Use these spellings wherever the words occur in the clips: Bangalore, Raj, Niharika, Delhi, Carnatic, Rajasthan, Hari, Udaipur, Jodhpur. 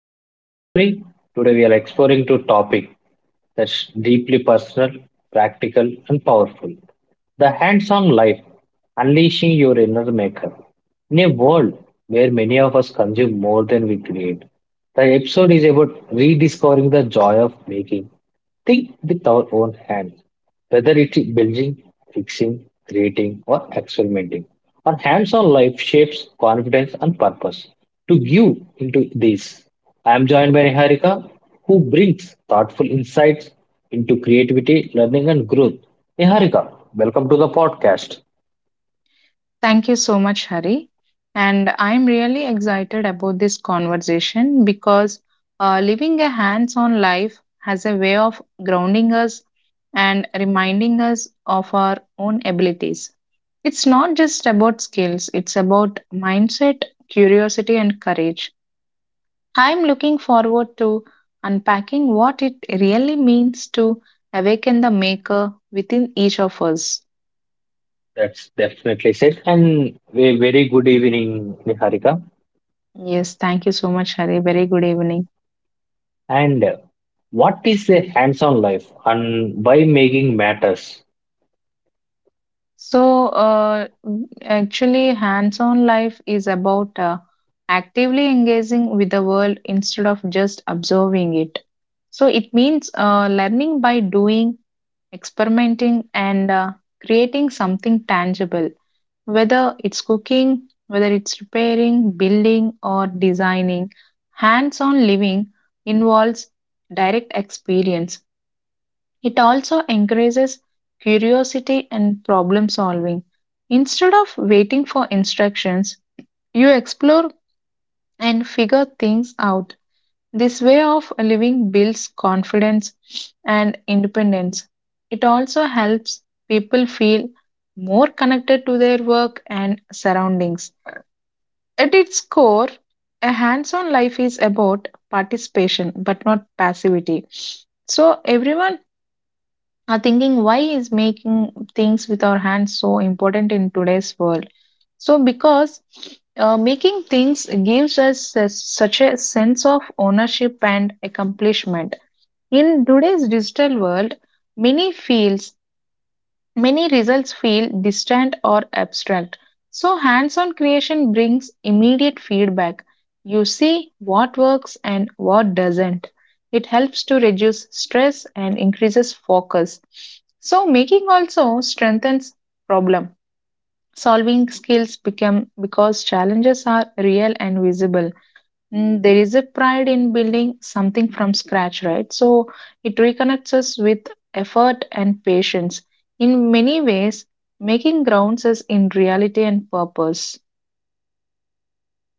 I'm your host Hari. Today we are exploring two topics that's deeply personal, practical and powerful. The hands-on life, unleashing your inner maker. In a world where many of us consume more than we create, the episode is about rediscovering the joy of making. Think with our own hands, whether it's building, fixing, creating, or experimenting. Our hands on life shapes confidence and purpose. To give into this, I am joined by Niharika, who brings thoughtful insights into creativity, learning, and growth. Niharika, welcome to the podcast. Thank you so much, Hari. And I'm really excited about this conversation because living a hands on life has a way of grounding us and reminding us of our own abilities. It's not just about skills, it's about mindset, curiosity, and courage. I'm looking forward to unpacking what it really means to awaken the maker within each of us. That's definitely said. And a very good evening, Niharika. Yes, thank you so much, Hari. Very good evening. And What is a hands on life and why making matters? So, uh, actually, hands on life is about actively engaging with the world instead of just observing it. So, it means learning by doing, experimenting, and creating something tangible, whether it's cooking, whether it's repairing, building, or designing. Hands on living involves direct experience. It also encourages curiosity and problem solving. Instead of waiting for instructions, you explore and figure things out. This way of living builds confidence and independence. It also helps people feel more connected to their work and surroundings. At its core, a hands on life is about participation but not passivity. So, everyone are thinking why is making things with our hands so important in today's world, so because making things gives us such a sense of ownership and accomplishment. In today's digital world, many fields, many results feel distant or abstract. So, hands on creation brings immediate feedback. You see what works and what doesn't. It helps to reduce stress and increases focus. So, making also strengthens problem solving skills become because challenges are real and visible. Mm, there is a pride in building something from scratch, right? So it reconnects us with effort and patience. In many ways, making grounds us in reality and purpose.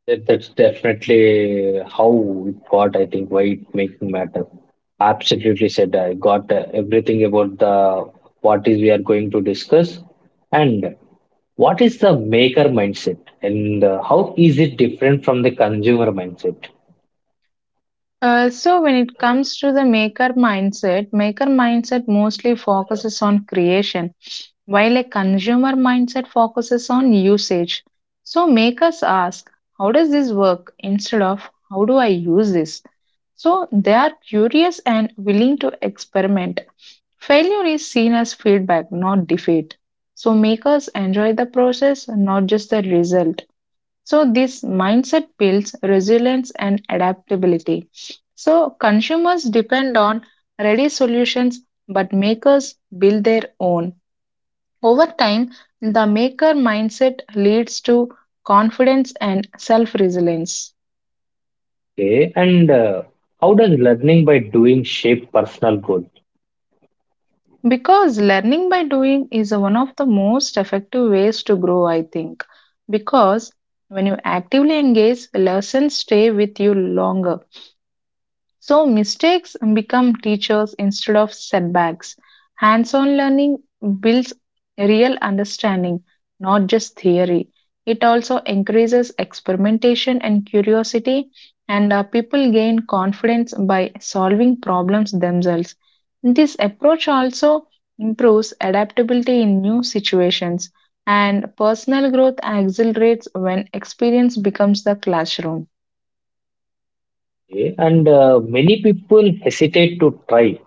That's definitely how it got, I think, why it making matter. Absolutely said. I got everything about the what is we are going to discuss and what is the maker mindset and how is it different from the consumer mindset? So when it comes to the maker mindset mostly focuses on creation, while a consumer mindset focuses on usage. So make us ask, how does this work instead of how do I use this? So they are curious and willing to experiment. Failure is seen as feedback, not defeat. So makers enjoy the process, not just the result. So this mindset builds resilience and adaptability. So consumers depend on ready solutions, but makers build their own. Over time, the maker mindset leads to confidence and self resilience. Okay, and how does learning by doing shape personal growth? Because learning by doing is one of the most effective ways to grow, I think. Because when you actively engage, lessons stay with you longer. So mistakes become teachers instead of setbacks. Hands on learning builds real understanding, not just theory. It also increases experimentation and curiosity, and people gain confidence by solving problems themselves. This approach also improves adaptability in new situations, and personal growth accelerates when experience becomes the classroom. Okay, and many people hesitate to try.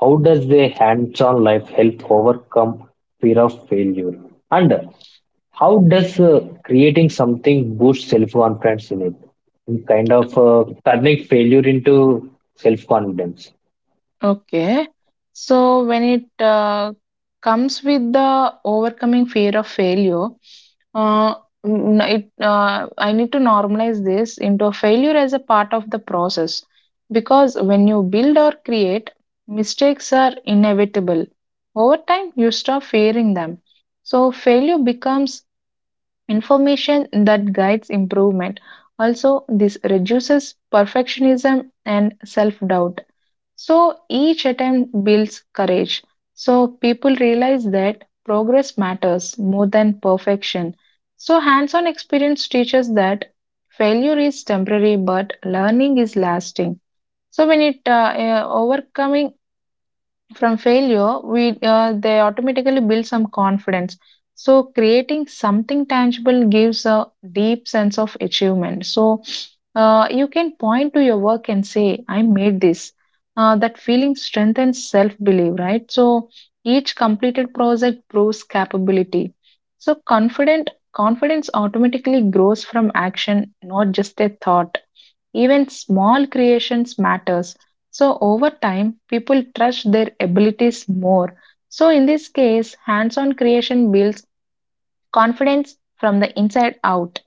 How does their hands-on life help overcome fear of failure? And how does creating something boost self confidence in it? In kind of turning failure into self confidence. Okay. So when it comes with the overcoming fear of failure, uh, I need to normalize this into a failure as a part of the process because when you build or create, mistakes are inevitable. Over time, you stop fearing them. So, failure becomes information that guides improvement. Also, this reduces perfectionism and self doubt, so each attempt builds courage. So people realize that progress matters more than perfection. So hands on experience teaches that failure is temporary, but learning is lasting. So when it overcoming from failure we they automatically build some confidence. So creating something tangible gives a deep sense of achievement. So you can point to your work and say I made this. That feeling strengthens self belief, right? So each completed project proves capability. So confident confidence automatically grows from action, not just a thought. Even small creations matters. So over time, people trust their abilities more. So in this case, hands-on creation builds confidence from the inside out.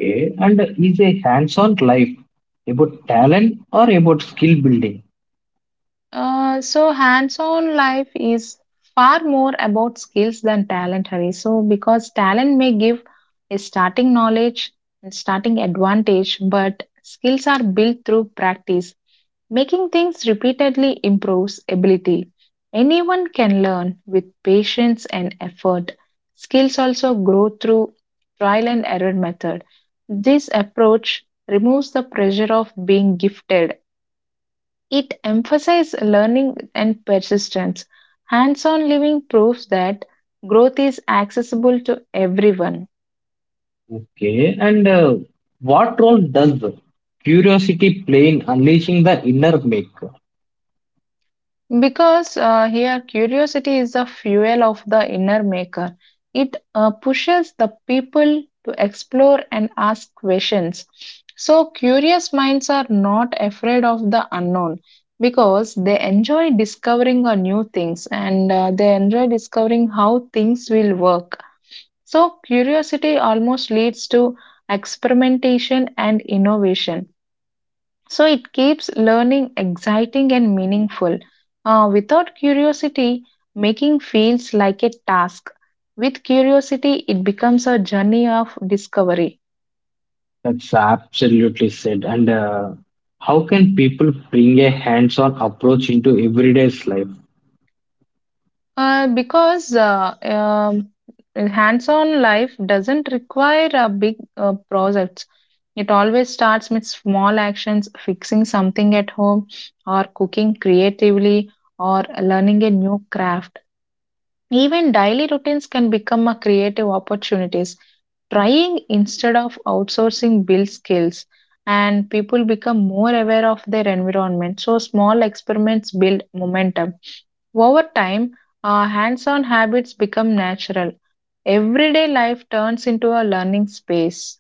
Okay. And is a hands on life about talent or about skill building? So hands-on life is far more about skills than talent, Hari. So because talent may give a starting knowledge and starting advantage, but skills are built through practice. Making things repeatedly improves ability. Anyone can learn with patience and effort. Skills also grow through trial and error method. This approach removes the pressure of being gifted. It emphasizes learning and persistence. Hands on living proves that growth is accessible to everyone. Okay. And what role does the curiosity play in unleashing the inner maker? Because here curiosity is the fuel of the inner maker. It pushes the people to explore and ask questions. So, curious minds are not afraid of the unknown because they enjoy discovering new things and they enjoy discovering how things will work. So, curiosity almost leads to experimentation and innovation. So, it keeps learning exciting and meaningful. Without curiosity, making feels like a task. With curiosity, it becomes a journey of discovery. That's absolutely said. And how can people bring a hands on approach into everyday life? Because hands-on life doesn't require a big projects. It always starts with small actions, fixing something at home, or cooking creatively, or learning a new craft. Even daily routines can become a creative opportunities. Trying instead of outsourcing builds skills and people become more aware of their environment. So small experiments build momentum. Over time, hands-on habits become natural. Everyday life turns into a learning space.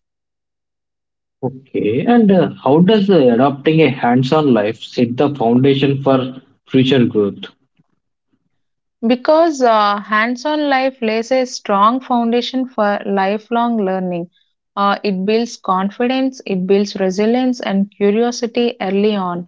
Okay, and how does adopting a hands-on life set the foundation for future growth? Because hands on life lays a strong foundation for lifelong learning. It builds confidence, it builds resilience and curiosity early on.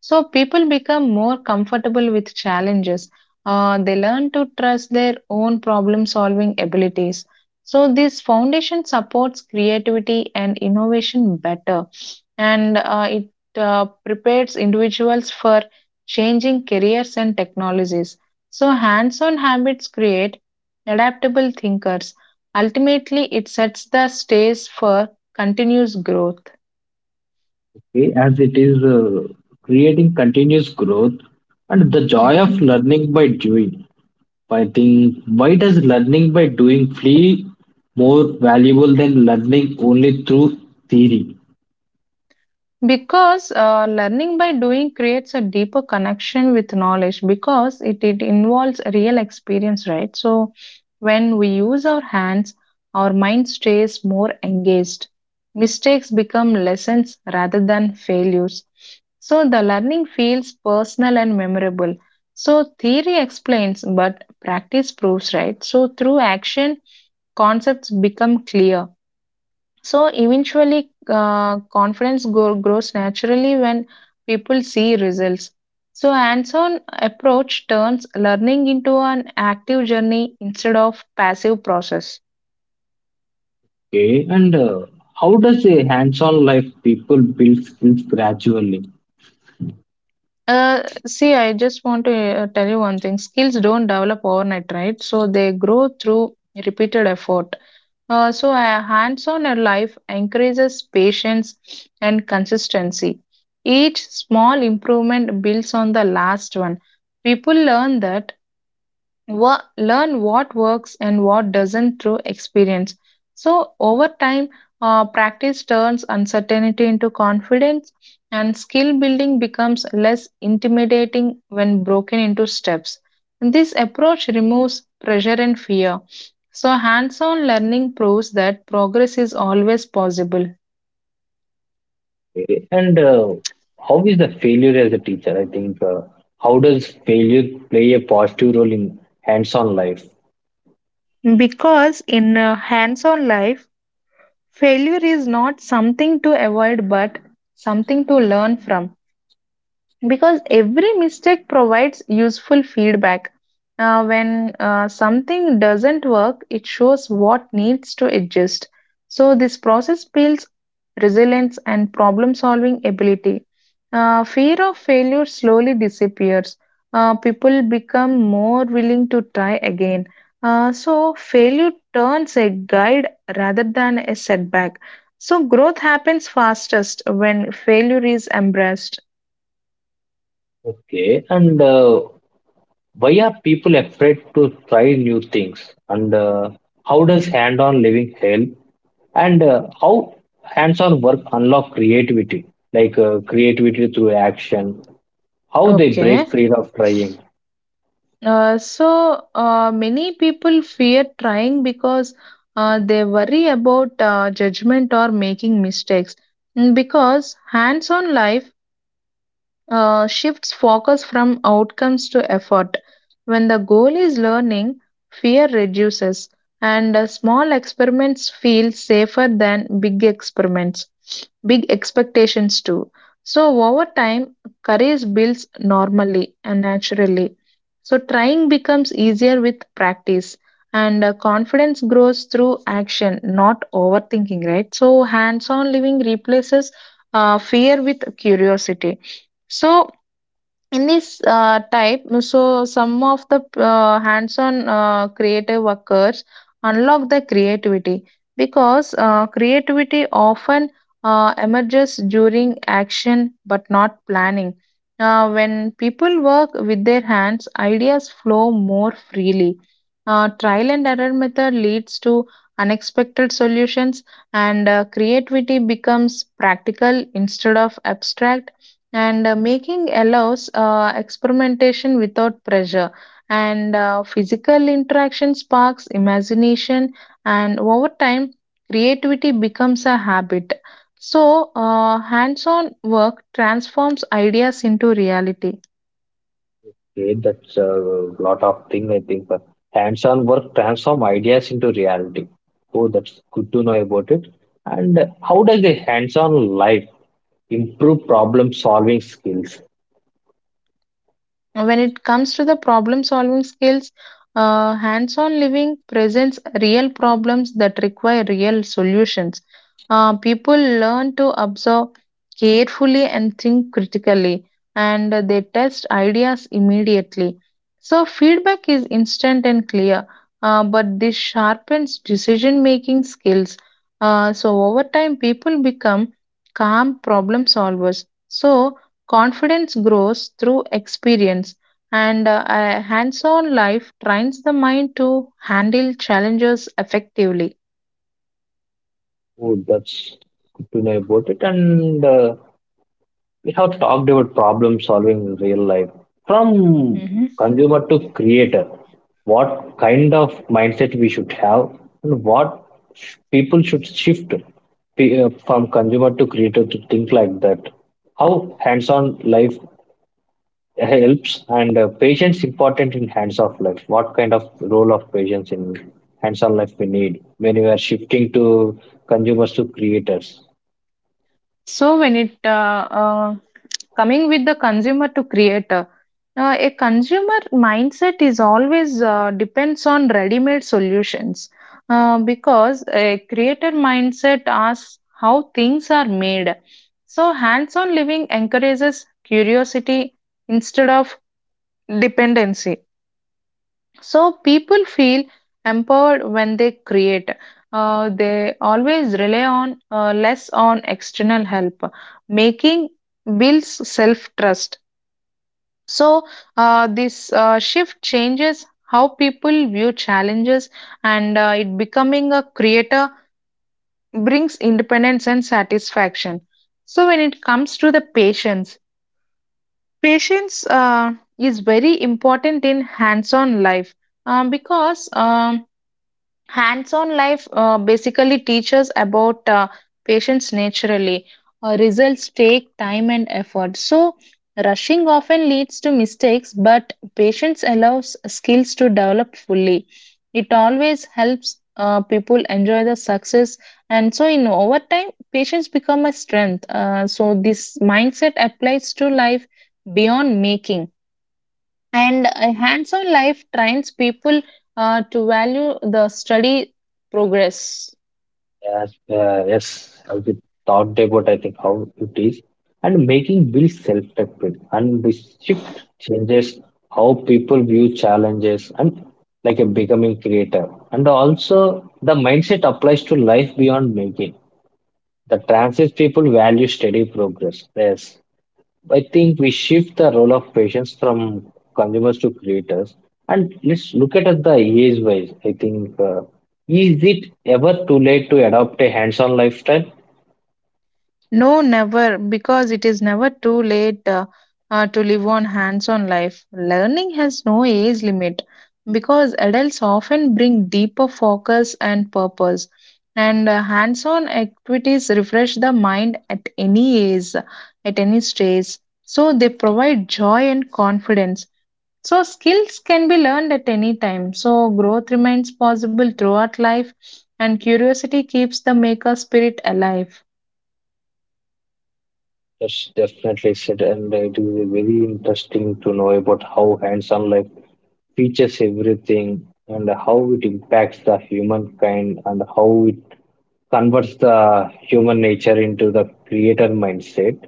So people become more comfortable with challenges. They learn to trust their own problem solving abilities. So this foundation supports creativity and innovation better, and it prepares individuals for changing careers and technologies. So, hands on habits create adaptable thinkers. Ultimately, it sets the stage for continuous growth. Okay, as it is creating continuous growth and the joy Mhm. of learning by doing. I think why does learning by doing feel more valuable than learning only through theory? Because learning by doing creates a deeper connection with knowledge because it involves real experience, right? So, when we use our hands, our mind stays more engaged. Mistakes become lessons rather than failures. So, the learning feels personal and memorable. So, theory explains, but practice proves, right? So, through action, concepts become clear. So eventually, uh, confidence grows naturally when people see results. So hands-on approach turns learning into an active journey instead of passive process. Okay, and how does a hands-on life people build skills gradually? See, I just want to tell you one thing: skills don't develop overnight, right? So they grow through repeated effort. So, a hands on life encourages patience and consistency. Each small improvement builds on the last one. People learn that Wha learn what works and what doesn't through experience. So, over time, practice turns uncertainty into confidence, and skill building becomes less intimidating when broken into steps. And This approach removes pressure and fear. So, hands on learning proves that progress is always possible. Okay. And how is the failure as a teacher? I think how does failure play a positive role in hands-on life? Because in a hands on life, failure is not something to avoid but something to learn from, because every mistake provides useful feedback. When something doesn't work, it shows what needs to adjust. So, this process builds resilience and problem solving ability. Fear of failure slowly disappears. People become more willing to try again. So, failure turns a guide rather than a setback. So, growth happens fastest when failure is embraced. Okay. And why are people afraid to try new things? And how does hand-on living help? And how hands-on work unlock creativity, like creativity through action? How they break Okay. free of trying? So many people fear trying because they worry about judgment or making mistakes. Because hands on life shifts focus from outcomes to effort. When the goal is learning, fear reduces, and small experiments feel safer than big experiments, big expectations too. So, over time, courage builds normally and naturally. So, trying becomes easier with practice, and confidence grows through action, not overthinking, right? So, hands on living replaces fear with curiosity. So in this type, so some of the hands-on creative workers unlock the creativity because creativity often emerges during action but not planning. When people work with their hands, ideas flow more freely. Trial and error method leads to unexpected solutions, and creativity becomes practical instead of abstract, and making allows experimentation without pressure, and physical interaction sparks imagination, and over time creativity becomes a habit. So hands-on work transforms ideas into reality. Okay, that's a lot of thing I think. Hands-on work transform ideas into reality. Oh, that's good to know about it. And how does a hands-on life improve problem solving skills? When it comes to the problem solving skills, hands on living presents real problems that require real solutions. People learn to observe carefully and think critically, and they test ideas immediately. So, feedback is instant and clear, but this sharpens decision making skills. So, over time, people become calm problem solvers. So, confidence grows through experience, and a hands on life trains the mind to handle challenges effectively. Oh, that's good to know about it. And we have talked about problem solving in real life from Hmm. consumer to creator, what kind of mindset we should have and what people should shift from consumer to creator to think like that. How hands-on life helps and patience important in hands-off life. What kind of role of patience in hands-on life we need when we are shifting to consumers to creators? So, when it coming with the consumer to creator, a consumer mindset is always depends on ready made solutions, because a creator mindset asks how things are made. So, hands on living encourages curiosity instead of dependency. So people feel empowered when they create. They always rely on less on external help, making builds self trust. So this shift changes how people view challenges, and it becoming a creator brings independence and satisfaction. So when it comes to the patience, patience is very important in hands on life because hands-on life basically teaches about patients naturally. Results take time and effort, so rushing often leads to mistakes, but patience allows skills to develop fully. It always helps people enjoy the success, and so in over time patience become a strength. So this mindset applies to life beyond making, and a hands-on life trains people to value the study progress. Yes, yes, I we talked about, I think, how it is, and making builds self-respect, and this shift changes how people view challenges and like a becoming creator, and also the mindset applies to life beyond making. The transist people value steady progress. Yes. I think we shift the role of patients from consumers to creators. And let's look at it the age wise. I think, is it ever too late to adopt a hands on lifestyle? No, never, because it is never too late to live on hands-on life. Learning has no age limit because adults often bring deeper focus and purpose, and hands-on activities refresh the mind at any age, at any stage. So they provide joy and confidence. So skills can be learned at any time. So growth remains possible throughout life, and curiosity keeps the maker spirit alive. That's definitely said. And it is very interesting to know about how hands on life features everything and how it impacts the humankind and how it converts the human nature into the creator mindset.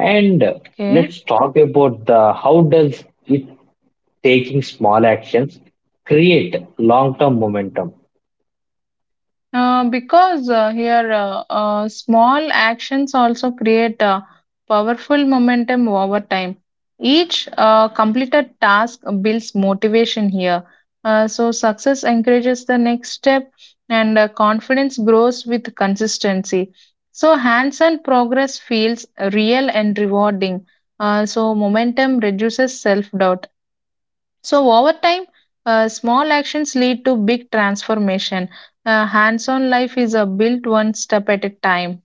And Okay. let's talk about the how does it taking small actions create long-term momentum. Because here Small actions also create powerful momentum over time. Each completed task builds motivation here. So success encourages the next step, and confidence grows with consistency. So hands-on progress feels real and rewarding. So momentum reduces self-doubt. So over time, small actions lead to big transformation. Hands-on life is a built one step at a time.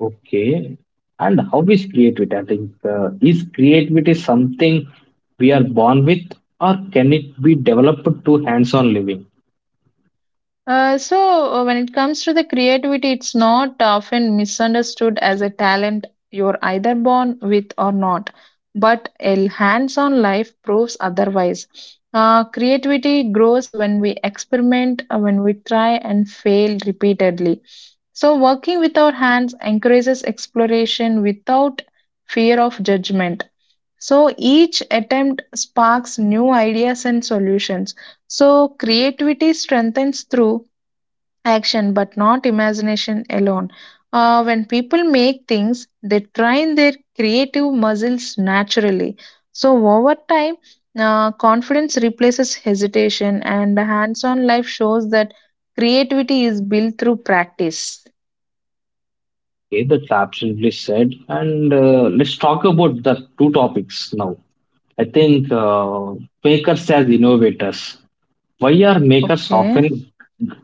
Okay. And how is creativity? I think is creativity something we are born with, or can it be developed through hands-on living? Uh, so, when it comes to the creativity, it's not often misunderstood as a talent you're either born with or not. But a hands on life proves otherwise. Creativity grows when we experiment, when we try and fail repeatedly. So working with our hands encourages exploration without fear of judgment. So each attempt sparks new ideas and solutions. So creativity strengthens through action but not imagination alone. When people make things, they train their creative muscles naturally. So over time, confidence replaces hesitation, and hands on life shows that creativity is built through practice. Okay, that's absolutely said. And let's talk about the two topics now. I think makers as innovators. Why are makers Okay, often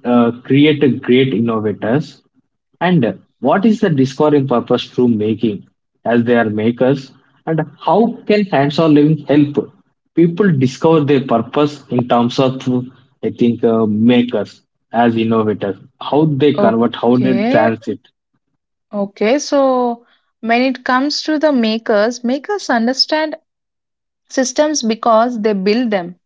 create a great innovators? And what is the discovering purpose through making as they are makers? And how can hands-on living help people discover their purpose in terms of, I think, makers as innovators? How they convert, how they okay, transit? okay. So when it comes to the makers, makers understand systems because they build them.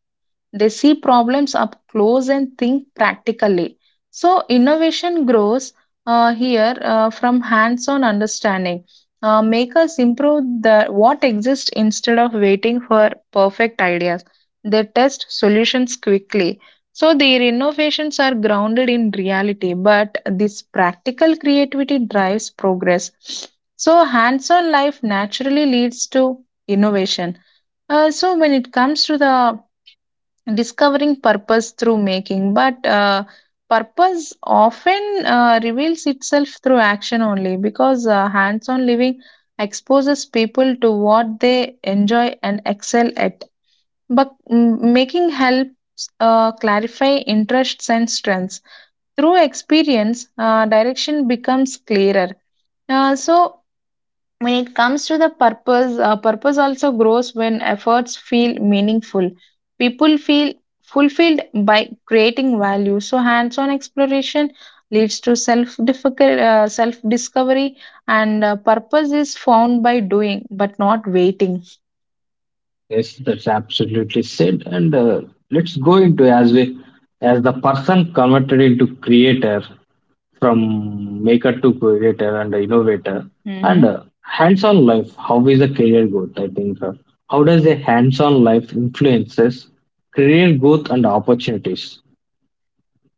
They see problems up close and think practically. So innovation grows here from hands on understanding. Makers improve the, what exists instead of waiting for perfect ideas. They test solutions quickly. So their innovations are grounded in reality, but this practical creativity drives progress. So hands on life naturally leads to innovation. When it comes to the discovering purpose through making, but purpose often reveals itself through action only, because hands on living exposes people to what they enjoy and excel at, but making helps clarify interests and strengths through experience. Direction becomes clearer. Uh, so when it comes to the purpose, purpose also grows when efforts feel meaningful. People feel fulfilled by creating value. So hands on exploration leads to self discovery, and purpose is found by doing but not waiting. Yes, that's absolutely said. And let's go into as we as the person converted into creator from maker to creator and innovator and hmm hands-on life. How is the career growth? I think how does a hands-on life influences career growth and opportunities?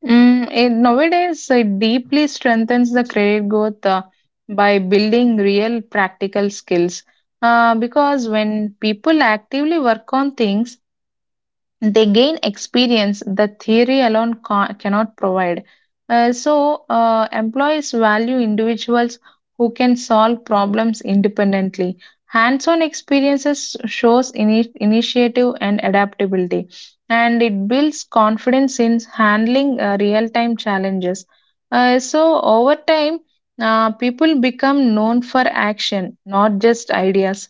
It, nowadays, it deeply strengthens the credit growth by building real practical skills. Because when people actively work on things, they gain experience that theory alone cannot provide. Employees value individuals who can solve problems independently. Hands-on experiences shows initiative and adaptability, and it builds confidence in handling real-time challenges. So over time, people become known for action, not just ideas.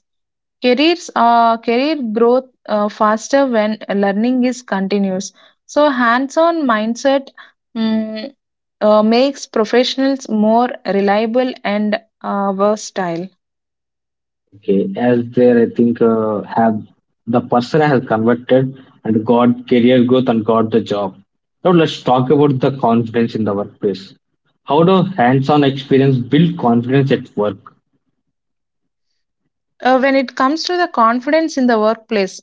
Career growth faster when learning is continuous. So hands on mindset mm, makes professionals more reliable and versatile. Okay, as there, I think have the person has converted and got career growth and got the job. Now let's talk about the confidence in the workplace. How do hands-on experience build confidence at work? When it comes to the confidence in the workplace,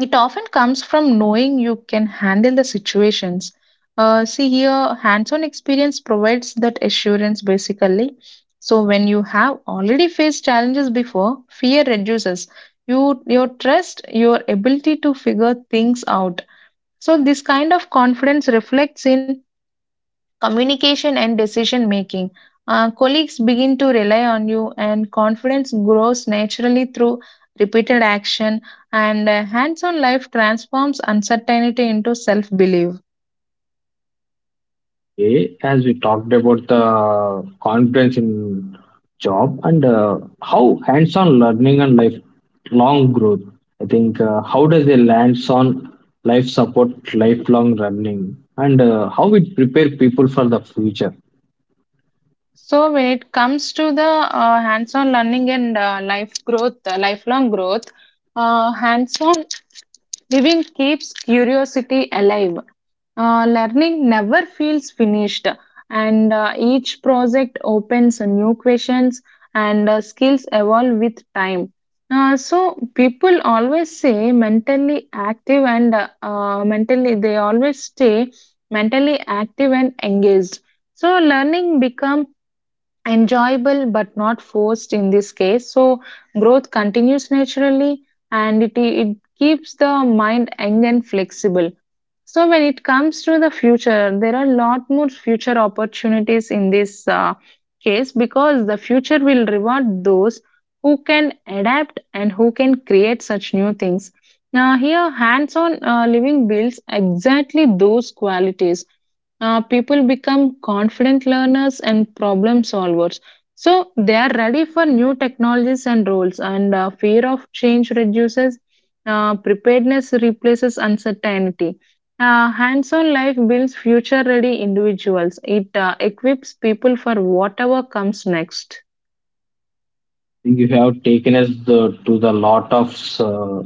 it often comes from knowing you can handle the situations. See here, hands on experience provides that assurance basically. So when you have already faced challenges before, fear reduces. You, your trust, your ability to figure things out. So this kind of confidence reflects in communication and decision making. Colleagues begin to rely on you, and confidence grows naturally through repeated action. And hands on life transforms uncertainty into self belief. Okay, as we talked about the confidence in job and how hands-on learning and lifelong growth. I think how does a hands-on life support lifelong learning and how it prepare people for the future? So when it comes to the hands-on learning and lifelong growth, hands-on living keeps curiosity alive. Learning never feels finished, and each project opens new questions, and skills evolve with time. So people always say mentally active and mentally they always stay mentally active and engaged. So learning become enjoyable but not forced in this case. So growth continues naturally, and it keeps the mind young and flexible. So when it comes to the future, there are a lot more future opportunities in this case, because the future will reward those who can adapt and who can create such new things. Now here hands on living builds exactly those qualities. People become confident learners and problem solvers. So they are ready for new technologies and roles, and fear of change reduces, preparedness replaces uncertainty. Hands on life builds future ready individuals; it equips people for whatever comes next. Think you have taken us the, to the lot of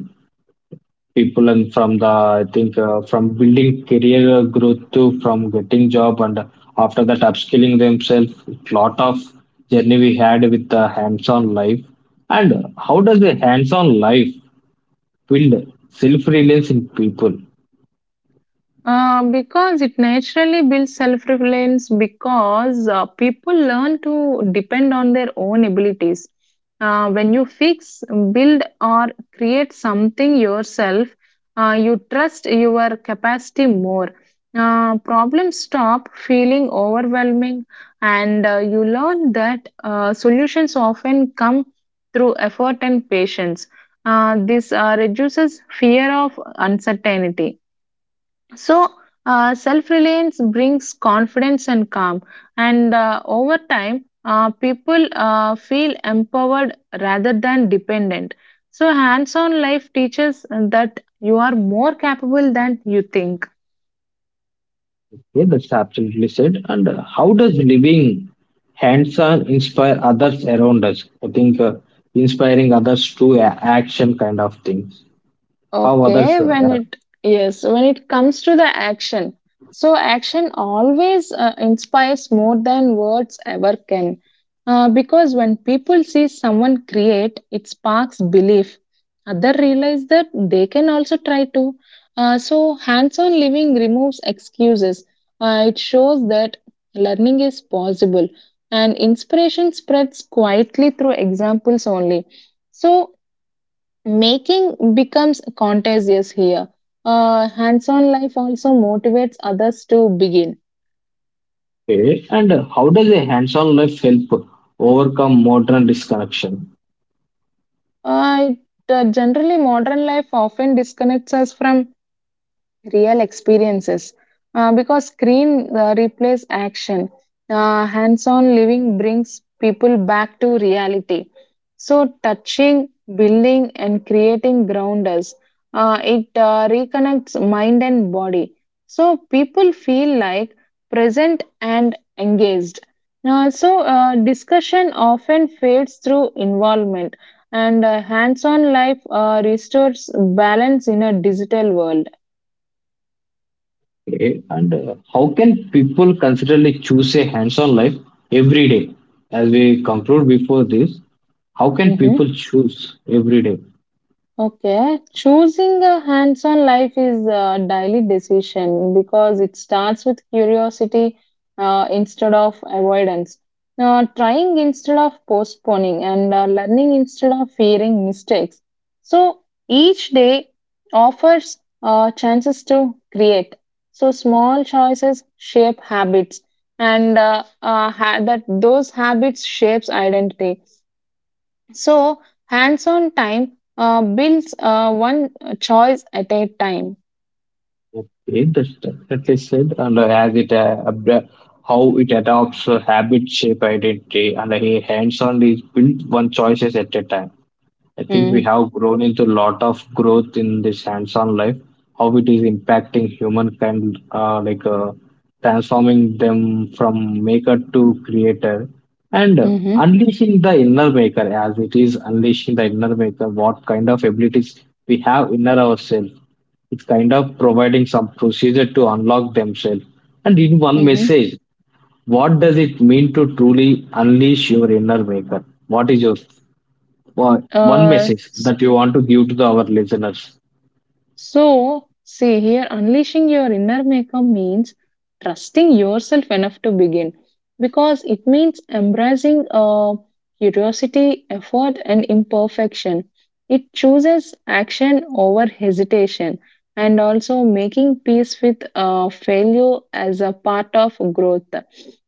people and from the, I think, from building career growth to from getting job and after that upskilling themselves. Lot of journey we had with the hands-on life. And how does the hands-on life build self-reliance in people? Because it naturally builds self reliance, because people learn to depend on their own abilities. When you fix, build, or create something yourself, you trust your capacity more. Problems stop feeling overwhelming, and you learn that solutions often come through effort and patience. This reduces fear of uncertainty. So, self reliance brings confidence and calm, and over time, people feel empowered rather than dependent. So hands on life teaches that you are more capable than you think. Yeah, that's absolutely said. And how does living hands-on inspire others around us? I think inspiring others to action kind of thing. How others Okay, when it Yes, when it comes to the action, so action always inspires more than words ever can. Because when people see someone create, it sparks belief. Other realize that they can also try to. So hands-on living removes excuses. It shows that learning is possible, and inspiration spreads quietly through examples only. So making becomes contagious here. Hands-on life also motivates others to begin. okay, and how does a hands-on life help overcome modern disconnection? Generally, modern life often disconnects us from real experiences, because screen replays action. Hands-on living brings people back to reality. So touching, building and creating ground us. It reconnects mind and body. So people feel like present and engaged. So discussion often fades through involvement, and hands-on life restores balance in a digital world. Okay, and how can people considerably choose a hands-on life every day? As we conclude before this, how can Mhm. people choose every day? Okay, choosing a hands-on life is a daily decision, because it starts with curiosity instead of avoidance. Trying instead of postponing, and learning instead of fearing mistakes. So each day offers chances to create. So small choices shape habits, and that those habits shapes identity. So hands on time builds one choice at a time. Okay, that's definitely said, and as it how it adopts habit shape identity, and a hands-on is built one choices at a time. I think we Mm-hmm. have grown into a lot of growth in this hands-on life, how it is impacting humankind, like transforming them from maker to creator, and Mm-hmm. unleashing the inner maker as it is unleashing the inner maker. What kind of abilities we have inner ourselves? It's kind of providing some procedure to unlock themselves. And in one Mm-hmm. message, what does it mean to truly unleash your inner maker? What is your one Uh, message that you want to give to the, our listeners. See here, unleashing your inner maker means trusting yourself enough to begin, because it means embracing curiosity, effort, and imperfection. It chooses action over hesitation, and also making peace with failure as a part of growth.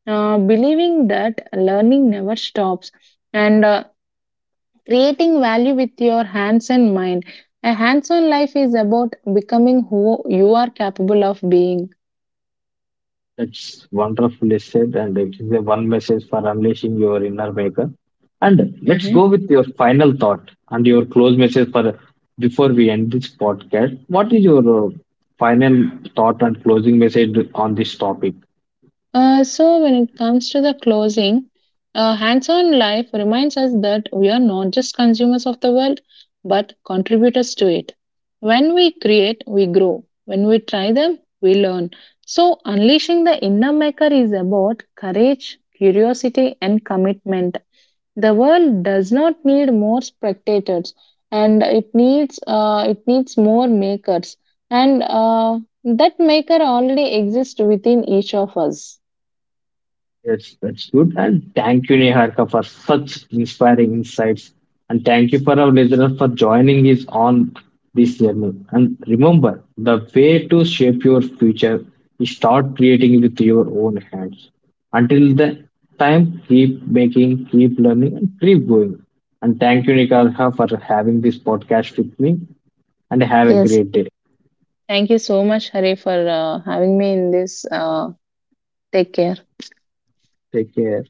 Believing that learning never stops, and creating value with your hands and mind. A hands on life is about becoming who you are capable of being. That's wonderfully said, and it is a one message for unleashing your inner maker. And let's Mm-hmm. go with your final thought and your close message for before we end this podcast. What is your final thought and closing message on this topic? When it comes to the closing, hands on life reminds us that we are not just consumers of the world but contributors to it. When we create, we grow. When we try them, we learn. So unleashing the inner maker is about courage, curiosity, and commitment. The world does not need more spectators, and it needs it needs more makers, and that maker already exists within each of us. Yes, that's good. And thank you, Niharika, for such inspiring insights. And thank you for our listeners for joining us on this journey. And remember, the way to shape your future is start creating with your own hands. Until the time, keep making, keep learning, and keep going. And thank you, Niharika, for having this podcast with me. And have a Yes, great day. thank you so much, Hari, for having me in this. Take care. Take care.